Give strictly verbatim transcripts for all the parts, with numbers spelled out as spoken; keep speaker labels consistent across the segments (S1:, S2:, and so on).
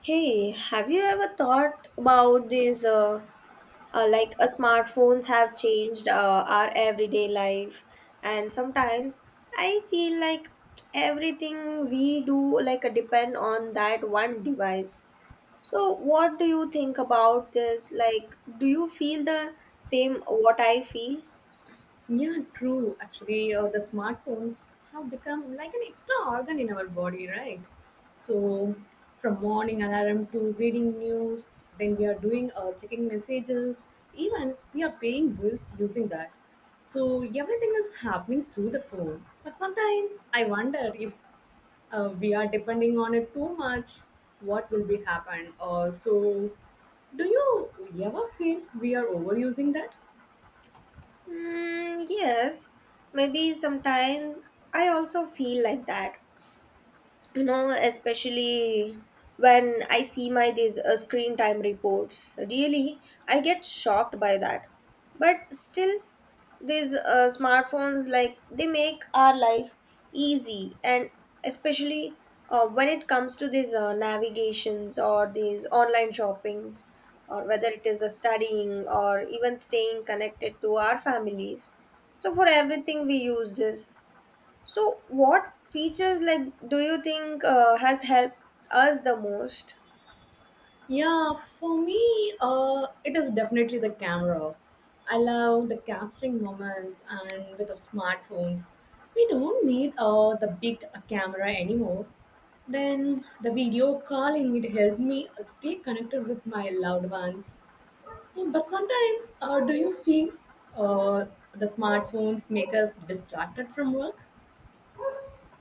S1: Hey, have you ever thought about these? Uh, uh, like, uh, smartphones have changed uh, our everyday life, and sometimes I feel like everything we do like uh, depend on that one device. So, what do you think about this? Like, do you feel the same what I feel?
S2: Yeah, true. Actually, uh, the smartphones have become like an extra organ in our body, right? So, from morning alarm to reading news, then we are doing uh, checking messages, even we are paying bills using that. So, everything is happening through the phone. But sometimes I wonder if uh, we are depending on it too much, what will be happen? Uh, so, do you ever feel we are overusing that?
S1: Mm, yes, maybe sometimes I also feel like that, you know, especially when I see my these uh, screen time reports. Really, I get shocked by that, but still these uh, smartphones like they make our life easy, and especially uh, when it comes to these uh, navigations or these online shoppings, or whether it is a studying or even staying connected to our families. So for everything we use this. So, what features like do you think uh, has helped us the most?
S2: Yeah, for me, uh, it is definitely the camera. I love the capturing moments, and with the smartphones, we don't need uh, the big camera anymore. Then the video calling it helped me uh, stay connected with my loved ones. So, but sometimes, uh, do you feel uh, the smartphones make us distracted from work?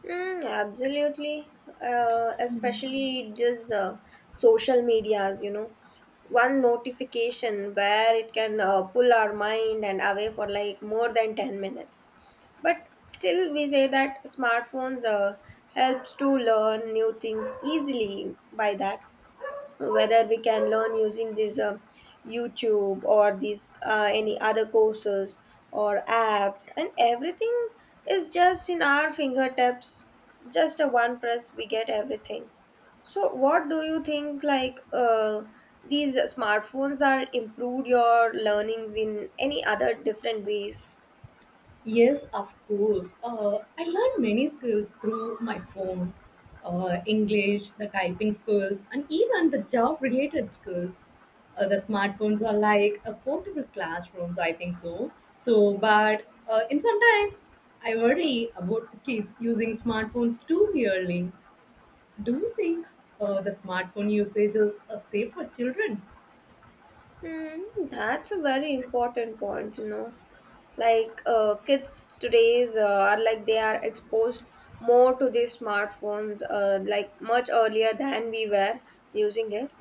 S1: Mm, absolutely, uh, especially this uh, social medias. You know, one notification where it can uh, pull our mind and away for like more than ten minutes. But still, we say that smartphones uh, helps to learn new things easily by that, whether we can learn using this uh, YouTube or these uh, any other courses or apps, and everything is just in our fingertips. Just a one press we get everything. So what do you think like uh, these smartphones are improved your learnings in any other different ways?
S2: Yes, of course. Uh, I learned many skills through my phone, uh, English, the typing skills, and even the job related skills. Uh, the smartphones are like a portable classrooms, I think so. So, but uh, in sometimes I worry about kids using smartphones too early. Do you think uh, the smartphone usage is uh, safe for children?
S1: hmm, that's a very important point, you know, like uh, kids today's uh, are like they are exposed more to these smartphones uh, like much earlier than we were using it.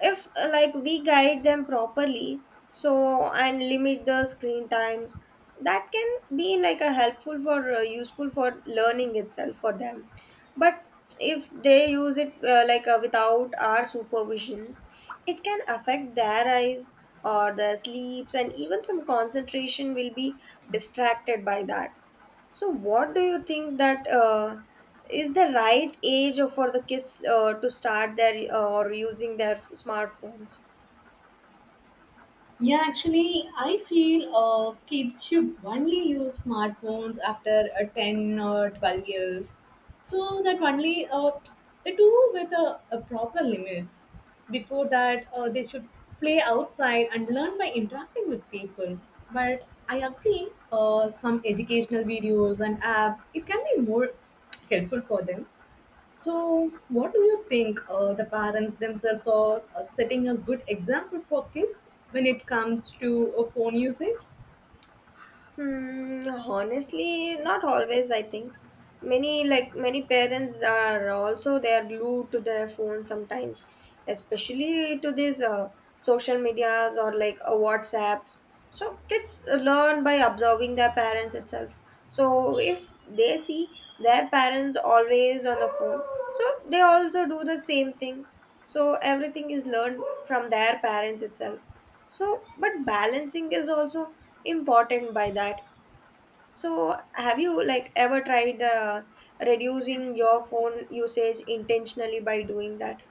S1: If uh, like we guide them properly, so and limit the screen times, that can be like a helpful for uh, useful for learning itself for them. But if they use it uh, like uh, without our supervisions, it can affect their eyes or their sleeps, and even some concentration will be distracted by that. So, what do you think that uh, is the right age for the kids uh, to start their uh, or using their f- smartphones?
S2: Yeah, actually, I feel uh, kids should only use smartphones after uh, ten or twelve years. So that only uh, they do with a, a proper limits. Before that, uh, they should play outside and learn by interacting with people. But I agree, uh, some educational videos and apps, it can be more helpful for them. So, what do you think uh, the parents themselves are uh, setting a good example for kids when it comes to uh, phone usage?
S1: Hmm, honestly, not always, I think. Many like many parents are also they are glued to their phone sometimes, especially to these uh, social medias or like uh, WhatsApps. So kids learn by observing their parents itself. So if they see their parents always on the phone, so they also do the same thing. So everything is learned from their parents itself. So but balancing is also important by that. So, have you like ever tried uh, reducing your phone usage intentionally by doing that?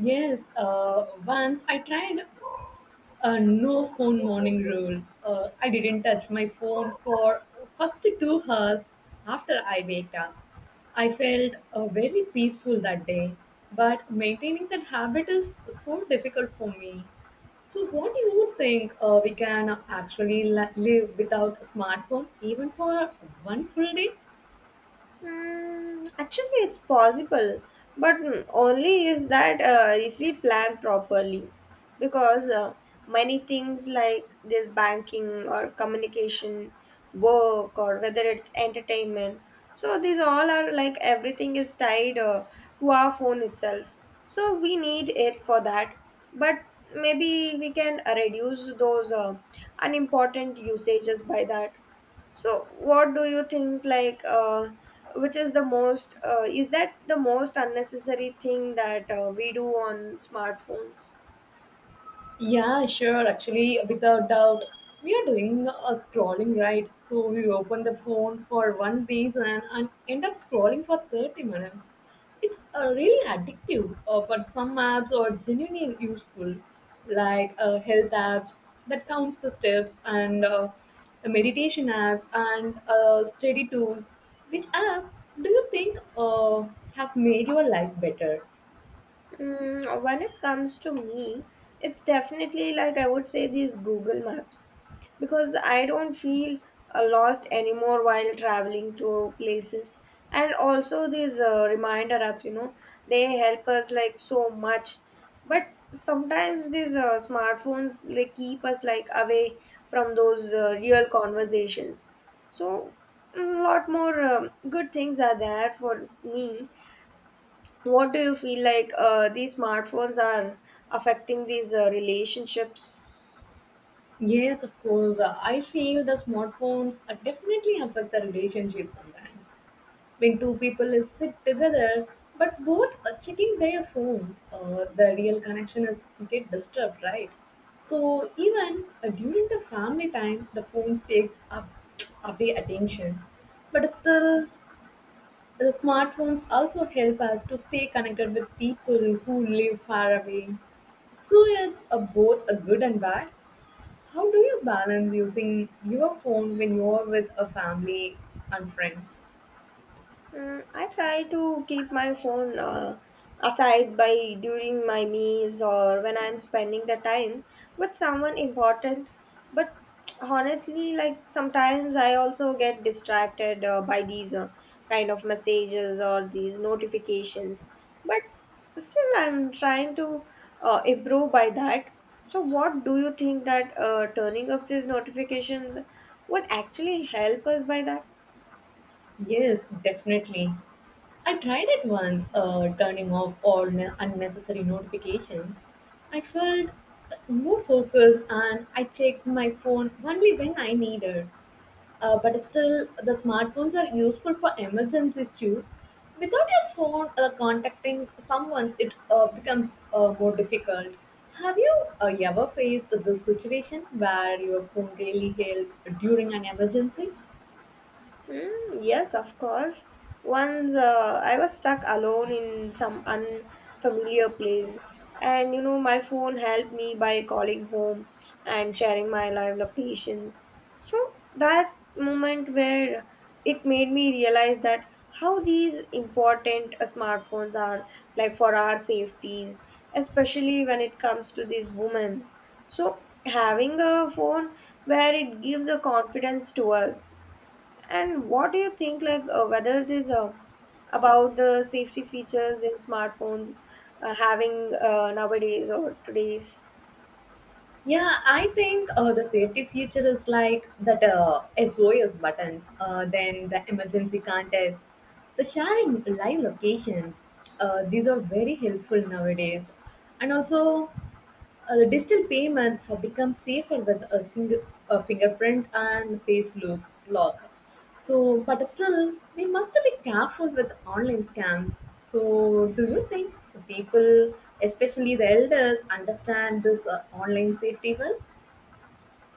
S2: Yes, uh, once I tried a no phone morning rule. Uh, I didn't touch my phone for first two hours after I waked up. I felt uh, very peaceful that day, but maintaining that habit is so difficult for me. So, what do you think uh, we can actually li- live without a smartphone even for one full day?
S1: Hmm. Actually, it's possible, but mm, only is that uh, if we plan properly, because uh, many things like this banking or communication, work, or whether it's entertainment, so these all are like everything is tied uh, to our phone itself. So we need it for that, but maybe we can uh, reduce those uh, unimportant usages by that. So, what do you think? Like, uh, which is the most? Uh, is that the most unnecessary thing that uh, we do on smartphones?
S2: Yeah, sure. Actually, without doubt, we are doing a scrolling right. So we open the phone for one reason and end up scrolling for thirty minutes. It's uh, really addictive, uh, but some apps are genuinely useful, like uh, health apps that counts the steps and uh, meditation apps and uh, study tools. Which app do you think uh, has made your life better?
S1: Mm, when it comes to me, it's definitely like I would say these Google Maps, because I don't feel uh, lost anymore while traveling to places. And also these uh, reminder apps, you know, they help us like so much. But sometimes these uh, smartphones they keep us like away from those uh, real conversations. So a lot more um good things are there for me. What do you feel like uh, these smartphones are affecting these uh, relationships?
S2: Yes, of course. Uh, I feel the smartphones uh, definitely affect the relationship sometimes. When two people is sit together, but both are checking their phones, uh, the real connection is get disturbed, right? So even uh, during the family time, the phones takes up away attention. But still, the smartphones also help us to stay connected with people who live far away. So it's a, both a good and bad. How do you balance using your phone when you're with a family and friends?
S1: Mm, I try to keep my phone uh, aside by during my meals or when I'm spending the time with someone important. But honestly, like sometimes I also get distracted uh, by these uh, kind of messages or these notifications. But still, I'm trying to uh, improve by that. So, what do you think that uh, turning off these notifications would actually help us by that?
S2: Yes, definitely. I tried it once, uh, turning off all ne- unnecessary notifications. I felt more focused and I checked my phone only when I needed. Uh, but still, the smartphones are useful for emergencies too. Without your phone, uh, contacting someone, it uh, becomes uh, more difficult. Have you uh, ever faced this situation where your phone really helped during an emergency?
S1: Mm, yes, of course. Once uh, I was stuck alone in some unfamiliar place, and you know, my phone helped me by calling home and sharing my live locations. So that moment where it made me realize that how these important uh, smartphones are like for our safeties, especially when it comes to these women's. So having a phone where it gives a confidence to us. And what do you think, like uh, whether this uh, about the safety features in smartphones uh, having uh, nowadays or today's?
S2: Yeah, I think uh, the safety feature is like that uh, S O S buttons, uh, then the emergency contacts, the sharing live location. Uh, these are very helpful nowadays. And also, Uh, the digital payments have become safer with a single a fingerprint and face look, lock. So, but still, we must be careful with online scams. So, do you think people, especially the elders, understand this uh, online safety well?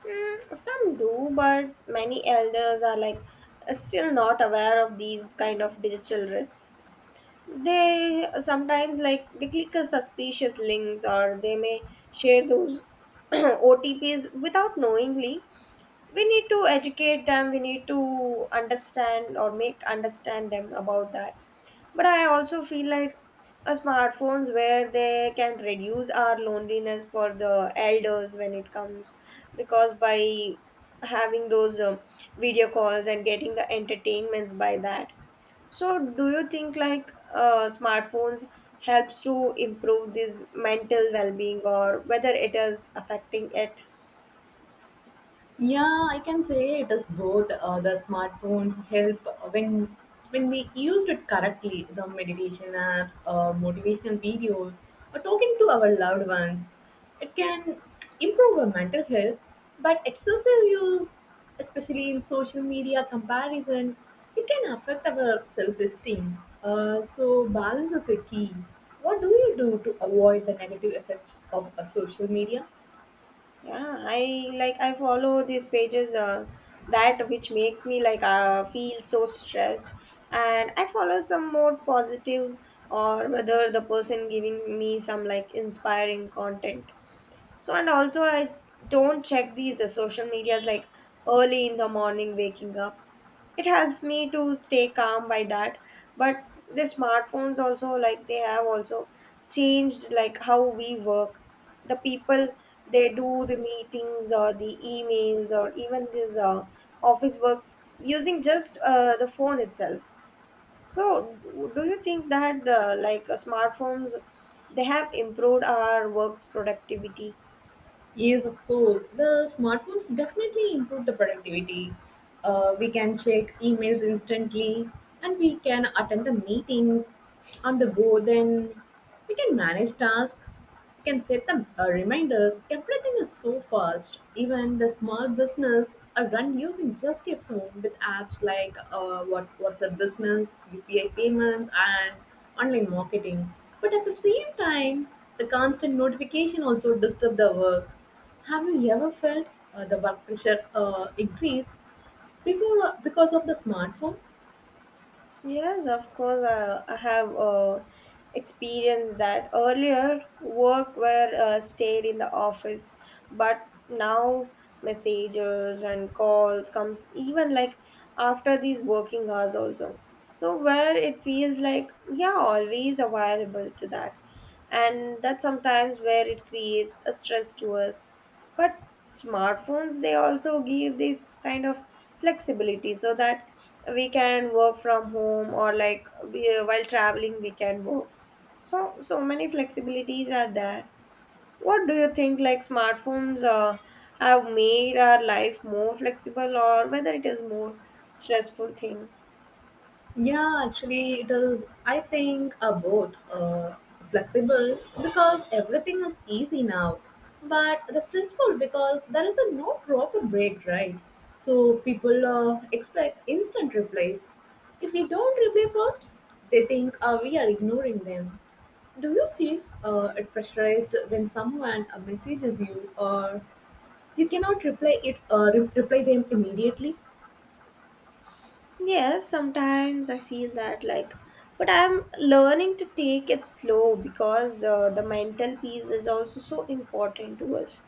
S1: Mm, some do, but many elders are like uh, still not aware of these kind of digital risks. They uh, sometimes like they click a suspicious links, or they may share those O T Ps without knowingly. We need to educate them, we need to understand or make understand them about that. But I also feel like a smartphones where they can reduce our loneliness for the elders when it comes, because by having those um, video calls and getting the entertainments by that. So do you think like uh, smartphones helps to improve this mental well-being, or whether it is affecting it?
S2: Yeah, I can say it is both. Uh, the smartphones help when when we used it correctly. The meditation apps or motivational videos or talking to our loved ones, it can improve our mental health. But excessive use, especially in social media comparison, it can affect our self-esteem. Uh, so balance is a key. What do you do to avoid the negative effects of uh, social media?
S1: Yeah, i like i follow these pages uh, that which makes me like uh, feel so stressed, and I follow some more positive or whether the person giving me some like inspiring content. So, and also, I don't check these uh, social medias like early in the morning waking up. It helps me to stay calm by that. But the smartphones also, like, they have also changed like how we work. The people they do the meetings or the emails or even these uh, office works using just uh, the phone itself. So, w- do you think that uh, like uh, smartphones they have improved our work's productivity?
S2: Yes, of course. The smartphones definitely improve the productivity. Uh, we can check emails instantly and we can attend the meetings on the go. Then we can manage tasks can set up uh, reminders. Everything is so fast. Even the small business are run using just a phone with apps like uh, what WhatsApp Business, U P I payments, and online marketing. But at the same time, the constant notification also disturb the work. Have you ever felt uh, the work pressure uh, increase before uh, because of the smartphone?
S1: Yes, of course, I, I have uh, experienced that. Earlier, work where uh, stayed in the office, but now messages and calls comes even like after these working hours also. So where it feels like yeah, always available to that, and that's sometimes where it creates a stress to us. But smartphones they also give this kind of flexibility so that we can work from home, or like we, uh, while traveling we can work. So so many flexibilities are there. What do you think like smartphones uh, have made our life more flexible, or whether it is more stressful thing?
S2: Yeah, actually, it is. I think uh, both uh, flexible because everything is easy now, but the stressful because there is a no proper break, right? So people uh, expect instant replies. If we don't reply first, they think uh, we are ignoring them. Do you feel uh, it pressurized when someone uh, messages you, or you cannot reply it, uh, re- reply them immediately?
S1: Yes, sometimes I feel that like, but I'm learning to take it slow, because uh, the mental peace is also so important to us.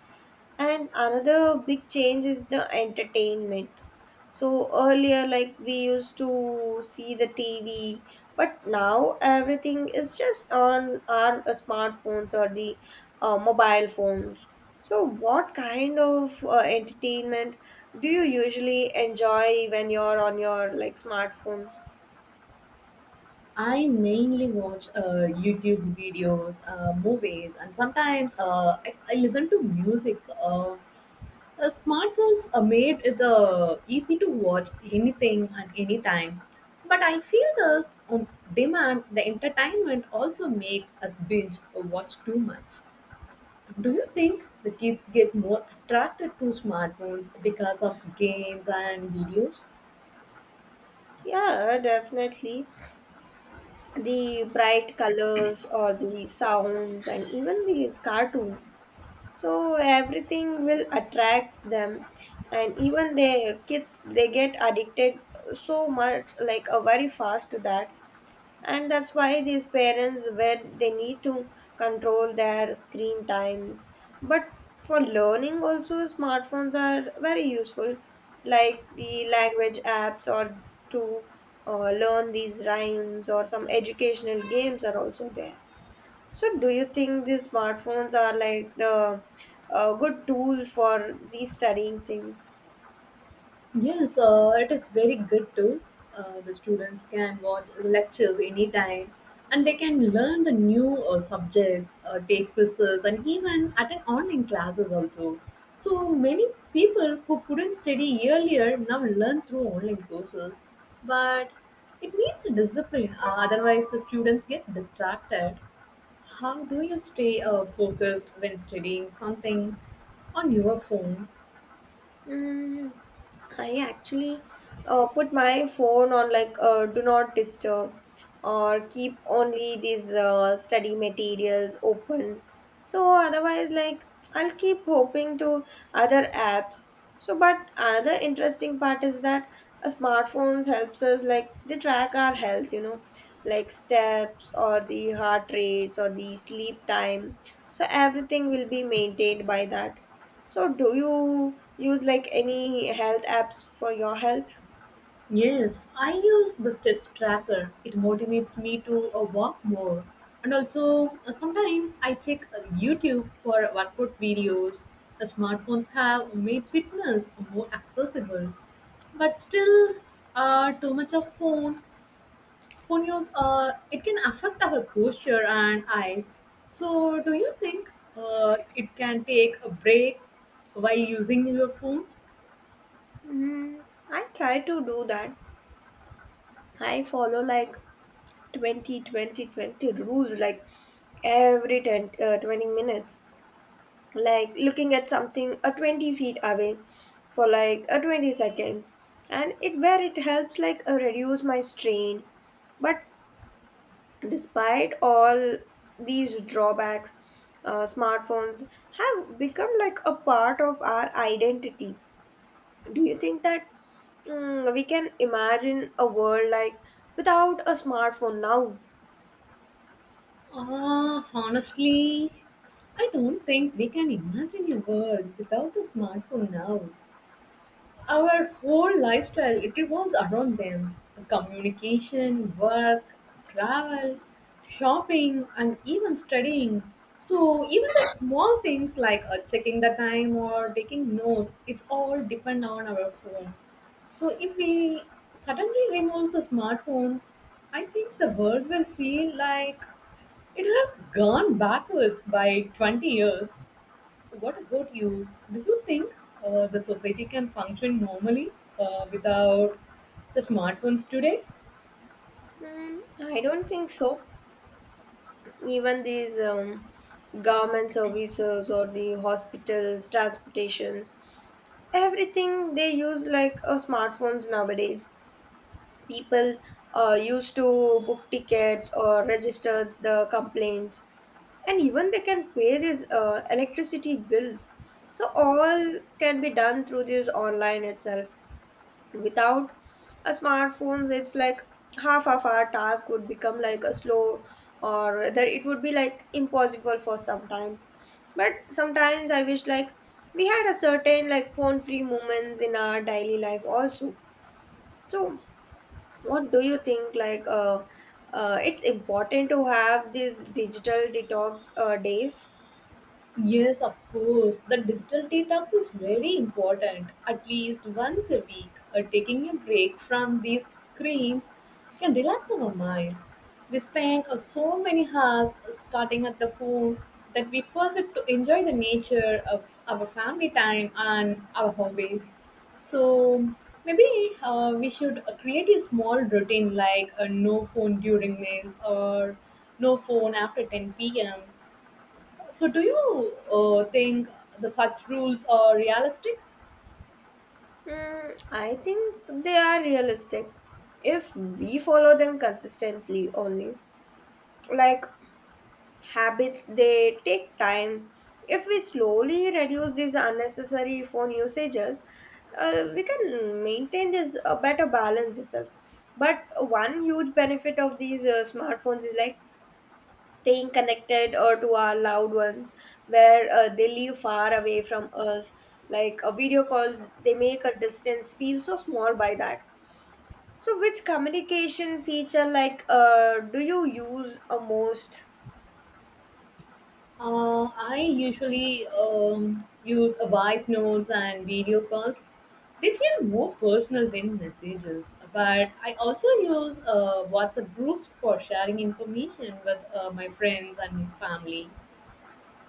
S1: And another big change is the entertainment. So earlier, like we used to see the T V, but now everything is just on our smartphones or the uh, mobile phones. So, what kind of uh, entertainment do you usually enjoy when you're on your like smartphone?
S2: I mainly watch uh, YouTube videos, uh, movies, and sometimes uh, I, I listen to music. Uh, uh, smartphones uh, made it uh, easy to watch anything at any time, but I feel the um, demand, the entertainment also makes us binge or watch too much. Do you think the kids get more attracted to smartphones because of games and videos?
S1: Yeah, definitely. The bright colors or the sounds and even these cartoons, so everything will attract them. And even the kids they get addicted so much like a very fast to that, and that's why these parents where they need to control their screen times. But for learning also smartphones are very useful, like the language apps, or to uh, learn these rhymes or some educational games are also there. So, do you think these smartphones are like the uh, good tools for these studying things?
S2: Yes, uh, it is very good too. Uh, the students can watch lectures anytime and they can learn the new uh, subjects, uh, take quizzes, and even attend online classes also. So many people who couldn't study earlier now learn through online courses. But it needs a discipline, uh, otherwise, the students get distracted. How do you stay uh, focused when studying something on your phone?
S1: Mm, I actually uh, put my phone on like uh, do not disturb or keep only these uh, study materials open. So otherwise, like I'll keep hoping to other apps. So, but another interesting part is that uh, smartphones helps us like they track our health, you know, like steps or the heart rates or the sleep time. So everything will be maintained by that. So, do you use like any health apps for your health?
S2: Yes, I use the steps tracker. It motivates me to uh, walk more. And also, uh, sometimes I check uh, YouTube for workout videos. The smartphones have made fitness more accessible, but still, uh, too much of phone phone use uh, it can affect our posture and eyes. So, do you think uh, it can take uh, breaks while using your phone?
S1: Mm, I try to do that. I follow like twenty, twenty, twenty rules, like every ten uh, twenty minutes, like looking at something a twenty feet away for like a twenty seconds, and it where it helps like uh, reduce my strain. But despite all these drawbacks, uh, smartphones have become like a part of our identity. Do you think that mm, we can imagine a world like without a smartphone now?
S2: Ah, honestly, I don't think we can imagine a world without the smartphone now. Our whole lifestyle it revolves around them. Communication, work, travel, shopping, and even studying. So even the small things like uh, checking the time or taking notes, it's all depend on our phone. So if we suddenly remove the smartphones, I think the world will feel like it has gone backwards by twenty years. What about you? Do you think uh, the society can function normally uh, without the smartphones today?
S1: Mm, I don't think so. Even these um, government services or the hospitals, transportations, everything they use like a smartphones nowadays. People uh, used to book tickets or registers the complaints, and even they can pay these uh, electricity bills. So all can be done through this online itself. Without a smartphones, it's like half of our task would become like a slow, or that it would be like impossible for sometimes. But sometimes I wish like we had a certain like phone free moments in our daily life also. So what do you think like uh, uh, it's important to have these digital detox uh, days?
S2: Yes, of course. The digital detox is very important. At least once a week, uh, taking a break from these screens can relax our mind. We spend uh, so many hours starting at the phone that we forget to enjoy the nature of our family time and our hobbies. So maybe uh, we should uh, create a small routine like a no phone during meals or no phone after ten p m. So, do you uh, think the such rules are realistic?
S1: Hmm, I think they are realistic if we follow them consistently only. Like habits, they take time. If we slowly reduce these unnecessary phone usages, uh, we can maintain this uh, better balance itself. But one huge benefit of these uh, smartphones is like staying connected uh, to our loved ones, where uh, they live far away from us. Like uh, video calls, they make a distance feel so small by that. So which communication feature like uh, do you use a most?
S2: Uh, I usually um, use a voice notes and video calls. They feel more personal than messages, but I also use uh, WhatsApp groups for sharing information with uh, my friends and my family.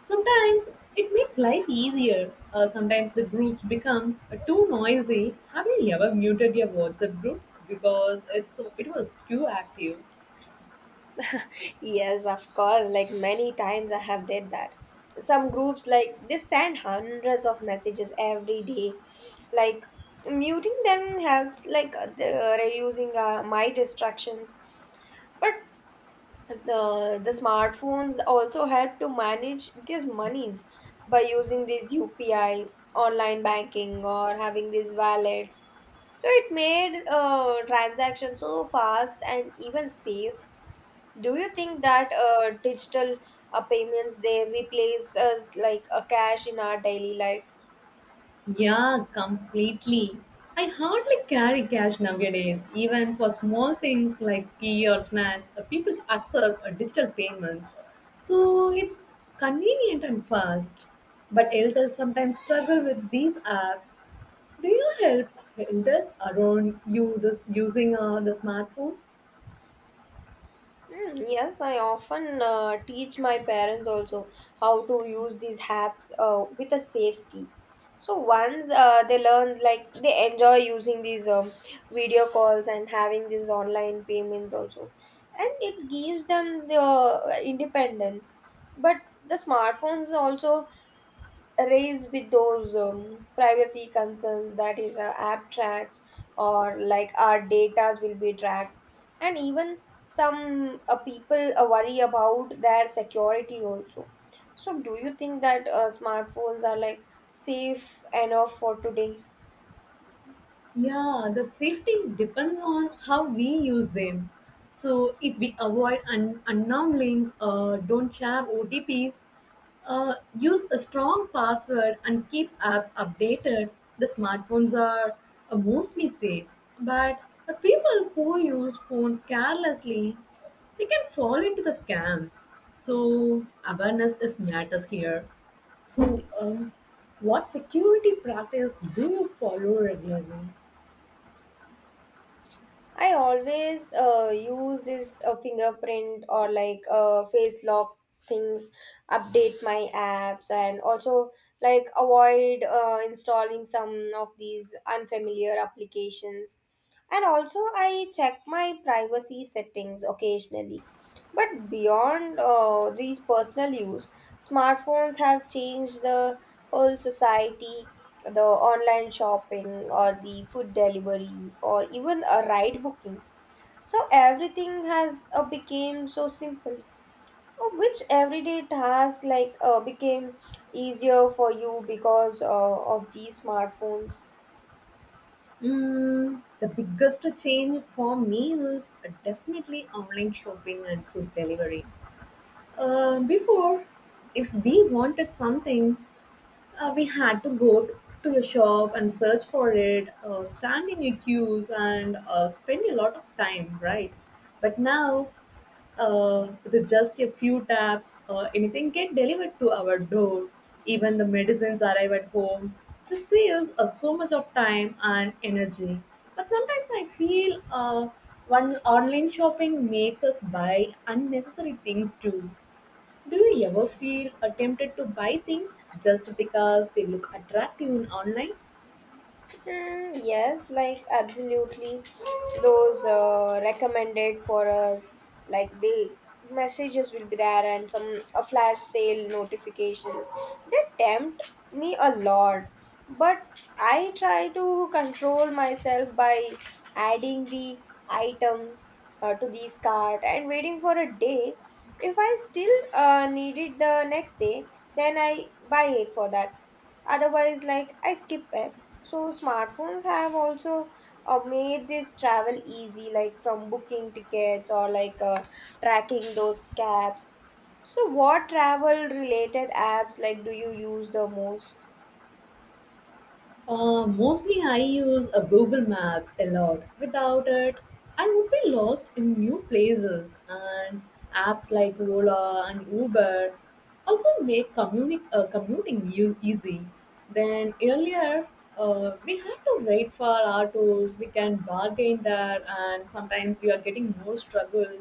S2: Sometimes it makes life easier. Uh, sometimes the groups become uh, too noisy. Have you ever muted your WhatsApp group because it's it was too active?
S1: Yes, of course, like many times I have did that. Some groups, like they send hundreds of messages every day. Like muting them helps, like uh, the, uh, reducing uh, my distractions. But the the smartphones also help to manage these monies by using this U P I, online banking, or having these wallets. So it made uh, transactions so fast and even safe. Do you think that uh, digital uh, payments, they replace us like a cash in our daily life?
S2: Yeah, completely. I hardly carry cash nowadays, even for small things like tea or snacks. uh, People accept uh, digital payments, so it's convenient and fast. But elders sometimes struggle with these apps. Do you help elders around you this using uh, the smartphones?
S1: Mm, yes, I often uh, teach my parents also how to use these apps uh, with a safety. So once uh, they learn, like they enjoy using these um, video calls and having these online payments also, and it gives them the uh, independence. But the smartphones also raised with those um, privacy concerns, that is uh, app tracks or like our datas will be tracked, and even some uh, people uh, worry about their security also. So do you think that uh, smartphones are like safe enough for today?
S2: Yeah, the safety depends on how we use them. So if we avoid un- unknown links, uh, don't share O T Ps, uh, use a strong password, and keep apps updated, the smartphones are uh, mostly safe. But the people who use phones carelessly, they can fall into the scams. So awareness is matters here. So, um, what security practice do you follow regularly?
S1: I always uh, use this uh, fingerprint or like uh, face lock things, update my apps, and also like avoid uh, installing some of these unfamiliar applications. And also, I check my privacy settings occasionally. But beyond uh, these personal use, smartphones have changed the whole society. The online shopping, or the food delivery, or even a ride booking. So everything has uh, became so simple. Uh, which everyday task like uh, became easier for you because uh, of these smartphones?
S2: Mm, the biggest change for me is definitely online shopping and food delivery. Uh, before, if we wanted something, uh, we had to go to a shop and search for it, uh, stand in your queues, and uh, spend a lot of time, right? But now, uh, with just a few taps, uh, anything get delivered to our door. Even the medicines arrive at home. This saves us so much of time and energy. But sometimes I feel uh, one online shopping makes us buy unnecessary things too. Do you ever feel uh, tempted to buy things just because they look attractive in online?
S1: Mm, yes, like absolutely. Those uh, recommended for us, like the messages will be there, and some a flash sale notifications. They tempt me a lot, but I try to control myself by adding the items uh, to these cart and waiting for a day. If I still uh, need it the next day, then I buy it for that. Otherwise, like I skip it. So smartphones have also uh, made this travel easy, like from booking tickets or like uh, tracking those cabs. So what travel related apps like do you use the most?
S2: Uh, mostly I use a Google Maps a lot. Without it, I would be lost in new places and apps like Ola and Uber also make communi- uh, commuting u- easy. Then earlier, uh, we had to wait for autos, we can bargain there and sometimes we are getting more struggle.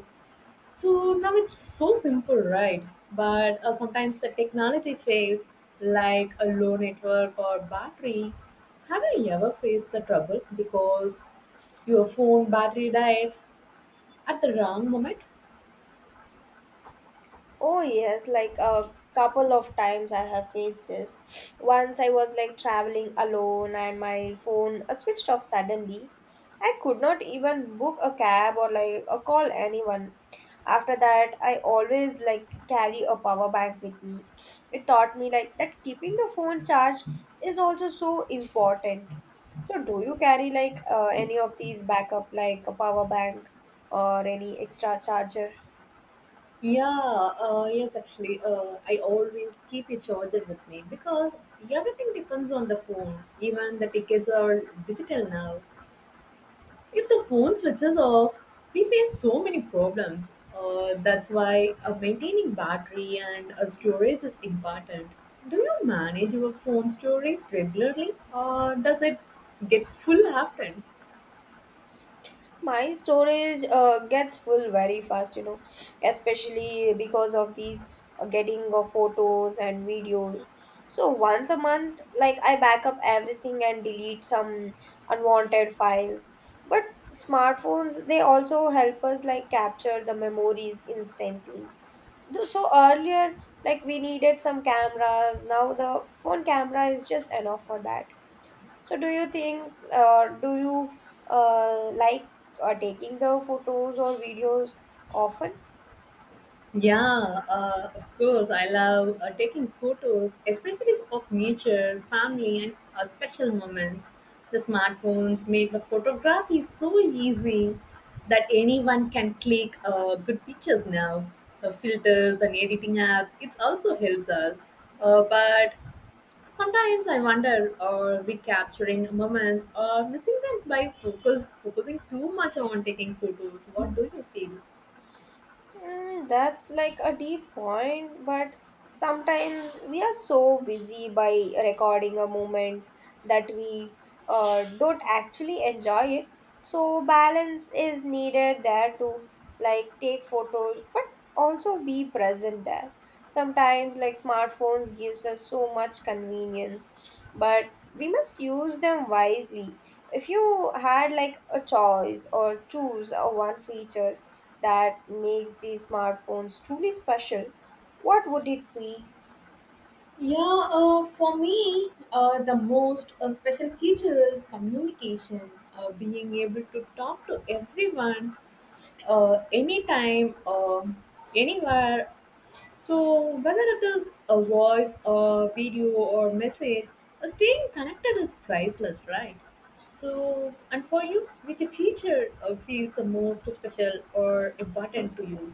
S2: So now it's so simple, right? But uh, sometimes the technology fails, like a low network or battery. Have you ever faced the trouble because your phone battery died at the wrong moment?
S1: Oh yes, like a couple of times I have faced this. Once I was like traveling alone and my phone uh, switched off suddenly. I could not even book a cab or like uh, call anyone. After that, I always like carry a power bank with me. It taught me like that keeping the phone charged is also so important. So do you carry like uh, any of these backup like a power bank or any extra charger?
S2: Yeah, uh, yes, actually, uh, I always keep a charger with me because everything depends on the phone. Even the tickets are digital now. If the phone switches off, we face so many problems. Uh, that's why uh, maintaining battery and uh, storage is important. Do you manage your phone storage regularly or does it get full often?
S1: My storage uh, gets full very fast, you know, especially because of these uh, getting of photos and videos. So once a month, like I back up everything and delete some unwanted files. But smartphones, they also help us like capture the memories instantly. Though- so earlier, like we needed some cameras. Now the phone camera is just enough for that. So do you think, uh, do you uh, like uh, taking the photos or videos often?
S2: Yeah, uh, of course. I love uh, taking photos, especially of nature, family, and uh, special moments. The smartphones make the photography so easy that anyone can click uh, good pictures now. The filters and editing apps, it also helps us. Uh, but sometimes I wonder, are we capturing moments or missing them by focus, focusing too much on taking photos? What do you feel?
S1: Mm, that's like a deep point, but sometimes we are so busy by recording a moment that we uh, don't actually enjoy it. So, balance is needed there to like take photos, but also be present there. Sometimes, like smartphones, gives us so much convenience, but we must use them wisely. If you had like a choice or choose a one feature that makes these smartphones truly special, what would it be?
S2: Yeah, uh, for me, uh, the most uh, special feature is communication, uh, being able to talk to everyone, uh, anytime, um anywhere. So, whether it is a voice, a video, or message, uh, staying connected is priceless, right? So, and for you, which feature uh, feels the most special or important to you?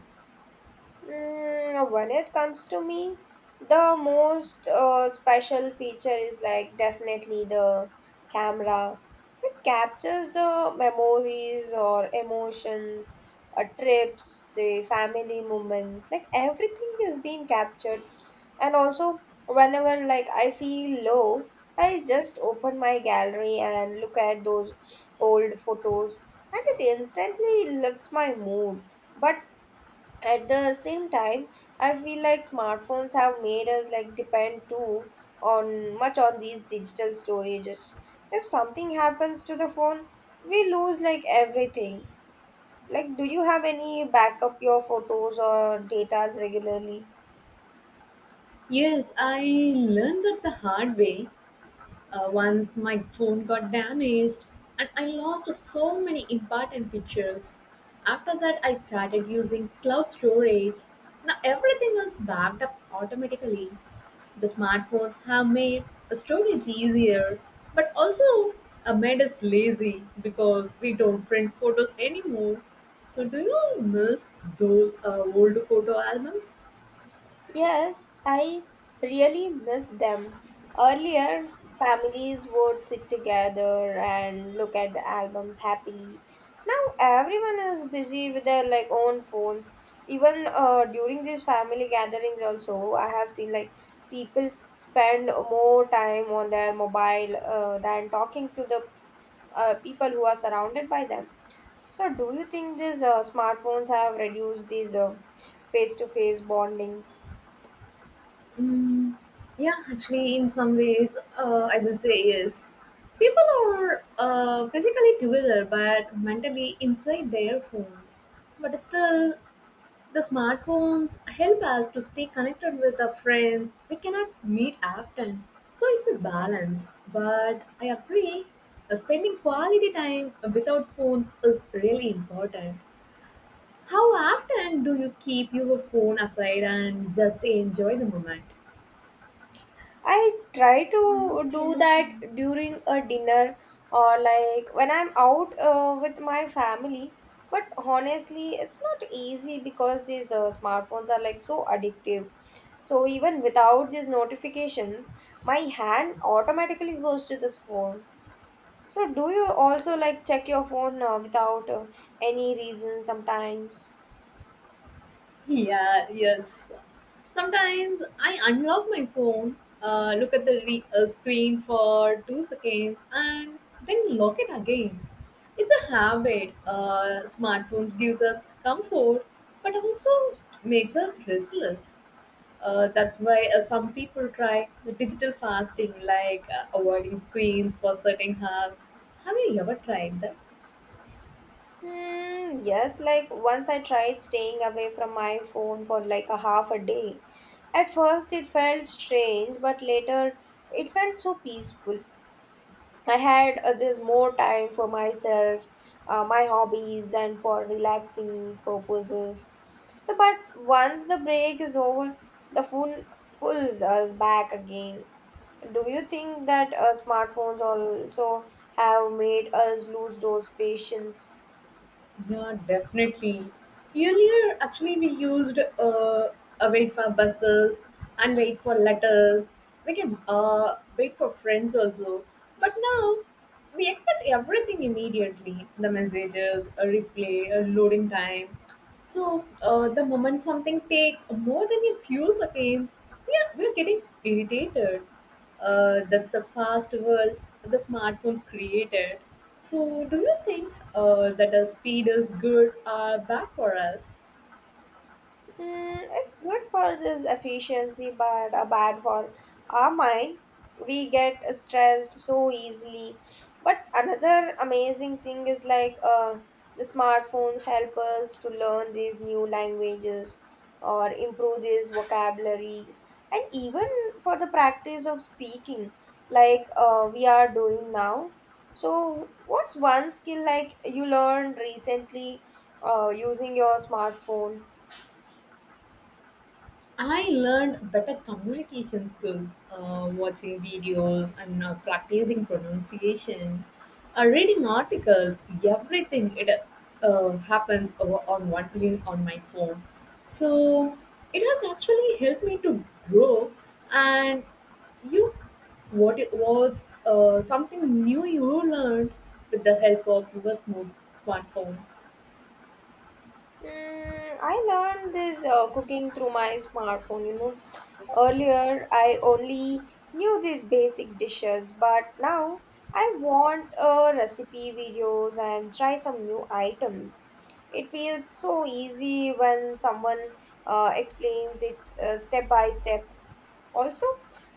S1: Mm, when it comes to me, the most uh, special feature is like definitely the camera. It captures the memories or emotions, uh, trips, the family moments, like everything is being captured. And also, whenever like I feel low, I just open my gallery and look at those old photos, and it instantly lifts my mood. But at the same time, I feel like smartphones have made us like depend too on much on these digital storages. If something happens to the phone, we lose like everything. Like do you have any backup your photos or datas regularly?
S2: Yes, I learned that the hard way. Uh, once my phone got damaged and I lost so many important pictures. After that, I started using cloud storage. Now everything is backed up automatically. The smartphones have made the storage easier, but also uh, made us lazy because we don't print photos anymore. So, do you miss those uh, old photo albums?
S1: Yes, I really miss them. Earlier, families would sit together and look at the albums happily. Now everyone is busy with their like own phones. Even uh, during these family gatherings, also I have seen like people spend more time on their mobile uh, than talking to the uh, people who are surrounded by them. So, do you think these uh, smartphones have reduced these uh, face-to-face bondings?
S2: Mm, yeah, actually, in some ways, uh, I will say yes. People are uh, physically together but mentally inside their phones. But still, the smartphones help us to stay connected with our friends. We cannot meet often. So it's a balance. But I agree, uh, spending quality time without phones is really important. How often do you keep your phone aside and just enjoy the moment?
S1: I try to do that during a dinner or like when I'm out uh, with my family. But honestly, it's not easy because these uh, smartphones are like so addictive. So even without these notifications, my hand automatically goes to this phone. So do you also like check your phone uh, without uh, any reason sometimes?
S2: Yeah, yes. Sometimes I unlock my phone, uh, look at the re- uh, screen for two seconds, and then lock it again. It's a habit. Uh, smartphones gives us comfort, but also makes us restless. Uh, that's why uh, some people try the digital fasting, like uh, avoiding screens for certain hours. Have you ever tried that?
S1: Hmm, yes, like once I tried staying away from my phone for like a half a day. At first, it felt strange, but later, it felt so peaceful. I had uh, this more time for myself, uh, my hobbies, and for relaxing purposes. So, but once the break is over, the phone pulls us back again. Do you think that uh, smartphones also have made us lose those patience?
S2: Yeah, definitely. Earlier, actually, we used uh, uh, wait for buses and wait for letters. We can uh, wait for friends also. But now, we expect everything immediately, the messages, a replay, a loading time. So uh, the moment something takes more than a few seconds, yeah, we're getting irritated. Uh, that's the fast world the smartphones created. So do you think uh, that a speed is good or bad for us?
S1: Mm, it's good for this efficiency, but uh, bad for our mind. We get stressed so easily. But another amazing thing is like uh, the smartphones help us to learn these new languages or improve these vocabularies, and even for the practice of speaking, like uh, we are doing now. So, what's one skill like you learned recently uh, using your smartphone?
S2: I learned better communication skills uh, watching videos and uh, practicing pronunciation, uh, reading articles, everything. It uh, happens over on one link on my phone. So it has actually helped me to grow. And you, what it was uh, something new you learned with the help of your smart- smartphone?
S1: Mm, I learned this uh, cooking through my smartphone, you know. Earlier, I only knew these basic dishes, but now I want uh, recipe videos and try some new items. It feels so easy when someone uh, explains it uh, step by step. Also,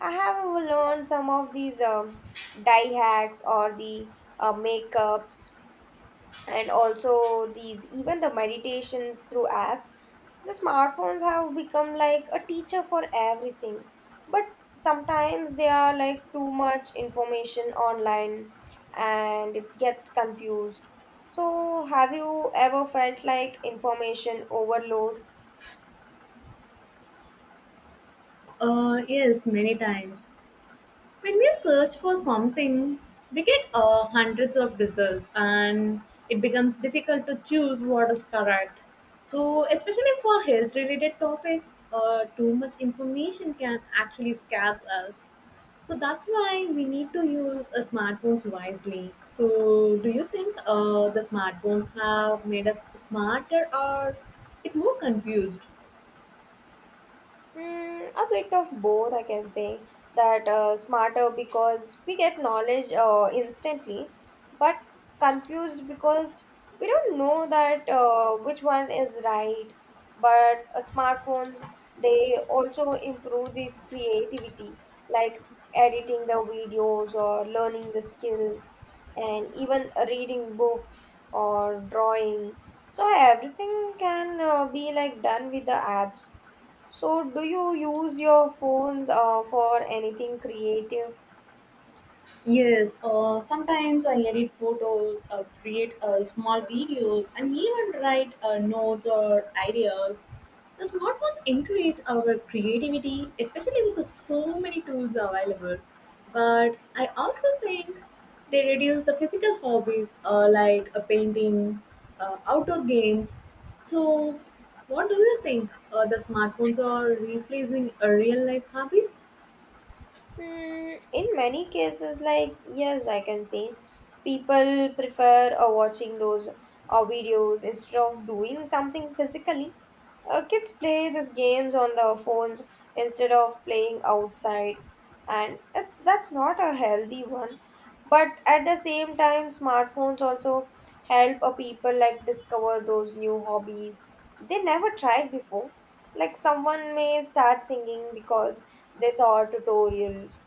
S1: I have learned some of these um, dye hacks or the uh, makeups, and also these even the meditations through apps. The smartphones have become like a teacher for everything, but sometimes they are like too much information online, and it gets confused. So have you ever felt like information overload?
S2: Uh, yes, many times. When we search for something, we get uh, hundreds of results and it becomes difficult to choose what is correct. So, especially for health related topics, uh, too much information can actually scare us. So, that's why we need to use uh, smartphones wisely. So, do you think uh, the smartphones have made us smarter or it more confused?
S1: Mm, a bit of both, I can say. That uh, smarter because we get knowledge uh, instantly, but confused because we don't know that uh, which one is right. But uh, smartphones, they also improve this creativity, like editing the videos or learning the skills, and even reading books or drawing. So everything can uh, be like done with the apps. So, do you use your phones uh, for anything creative?
S2: Yes, uh, sometimes I edit photos, uh, create uh, small videos, and even write uh, notes or ideas. The smartphones encourage our creativity, especially with the so many tools available. But I also think they reduce the physical hobbies, uh, like uh, painting, uh, outdoor games. So, what do you think? Uh, the smartphones are replacing uh, real life hobbies?
S1: Hmm, in many cases, like, yes, I can say people prefer uh, watching those uh, videos instead of doing something physically. Uh, kids play these games on their phones instead of playing outside, and it's that's not a healthy one. But at the same time, smartphones also help a people like discover those new hobbies they never tried before. Like someone may start singing because they saw tutorials.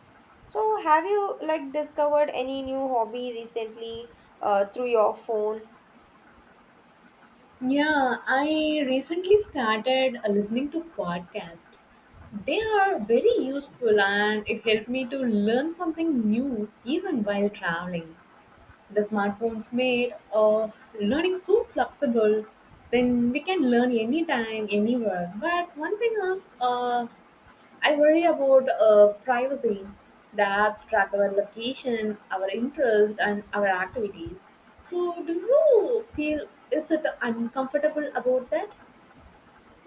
S1: So have you like discovered any new hobby recently uh, through your phone?
S2: Yeah, I recently started uh, listening to podcasts. They are very useful and it helped me to learn something new even while traveling. The smartphones made uh, learning so flexible, then we can learn anytime, anywhere. But one thing is, uh, I worry about uh, privacy. The apps track our location, our interests, and our activities. So, do you feel, is it uncomfortable about that?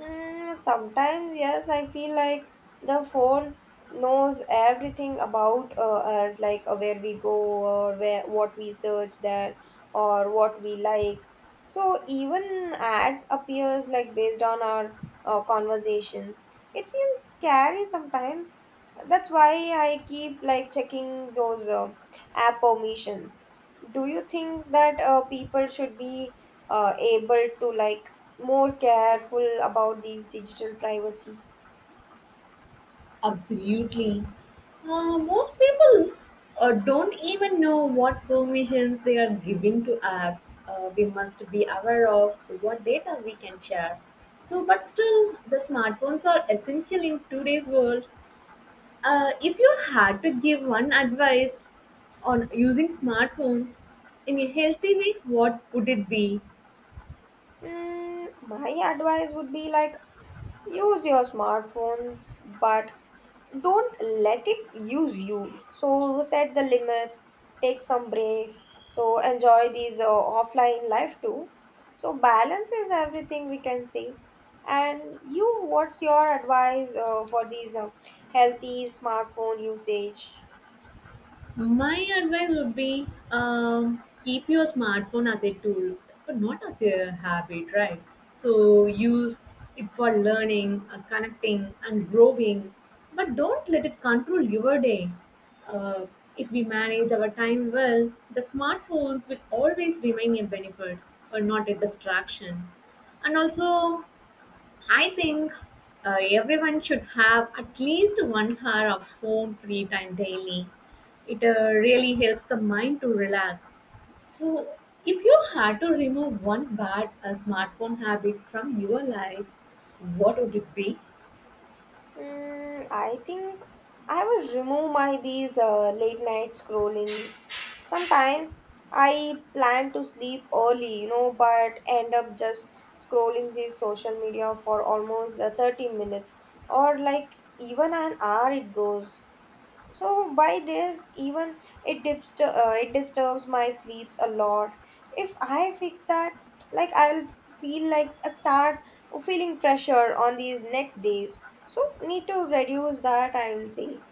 S1: Mm, sometimes, yes, I feel like the phone knows everything about uh, us, like uh, where we go or where what we search there, or what we like. So even ads appears like based on our uh, conversations. It feels scary sometimes. That's why I keep like checking those uh, app permissions. Do you think that uh, people should be uh, able to like more careful about these digital privacy?
S2: Absolutely. Uh, most people uh, don't even know what permissions they are giving to apps. Uh, we must be aware of what data we can share. So, but still, the smartphones are essential in today's world. Uh, if you had to give one advice on using smartphone in a healthy way, what would it be?
S1: Mm, my advice would be like use your smartphones, but don't let it use you. So set the limits, take some breaks, so enjoy these uh, offline life too. So balance is everything we can say. And you, what's your advice uh, for these uh, healthy smartphone usage?
S2: My advice would be, um, keep your smartphone as a tool, but not as a habit, right? So use it for learning, uh, connecting, and growing, but don't let it control your day. Uh, if we manage our time well, the smartphones will always remain a benefit or not a distraction. And also, I think uh, everyone should have at least one hour of phone free time daily. It uh, really helps the mind to relax. So, if you had to remove one bad uh, smartphone habit from your life, what would it be?
S1: Mm, I think I will remove my these uh, late night scrollings. Sometimes I plan to sleep early, you know, but end up just scrolling the social media for almost uh, thirty minutes or like even an hour it goes. So by this, even it dips uh, it disturbs my sleeps a lot. If I fix that, like I'll feel like a start feeling fresher on these next days. So need to reduce that, I will say.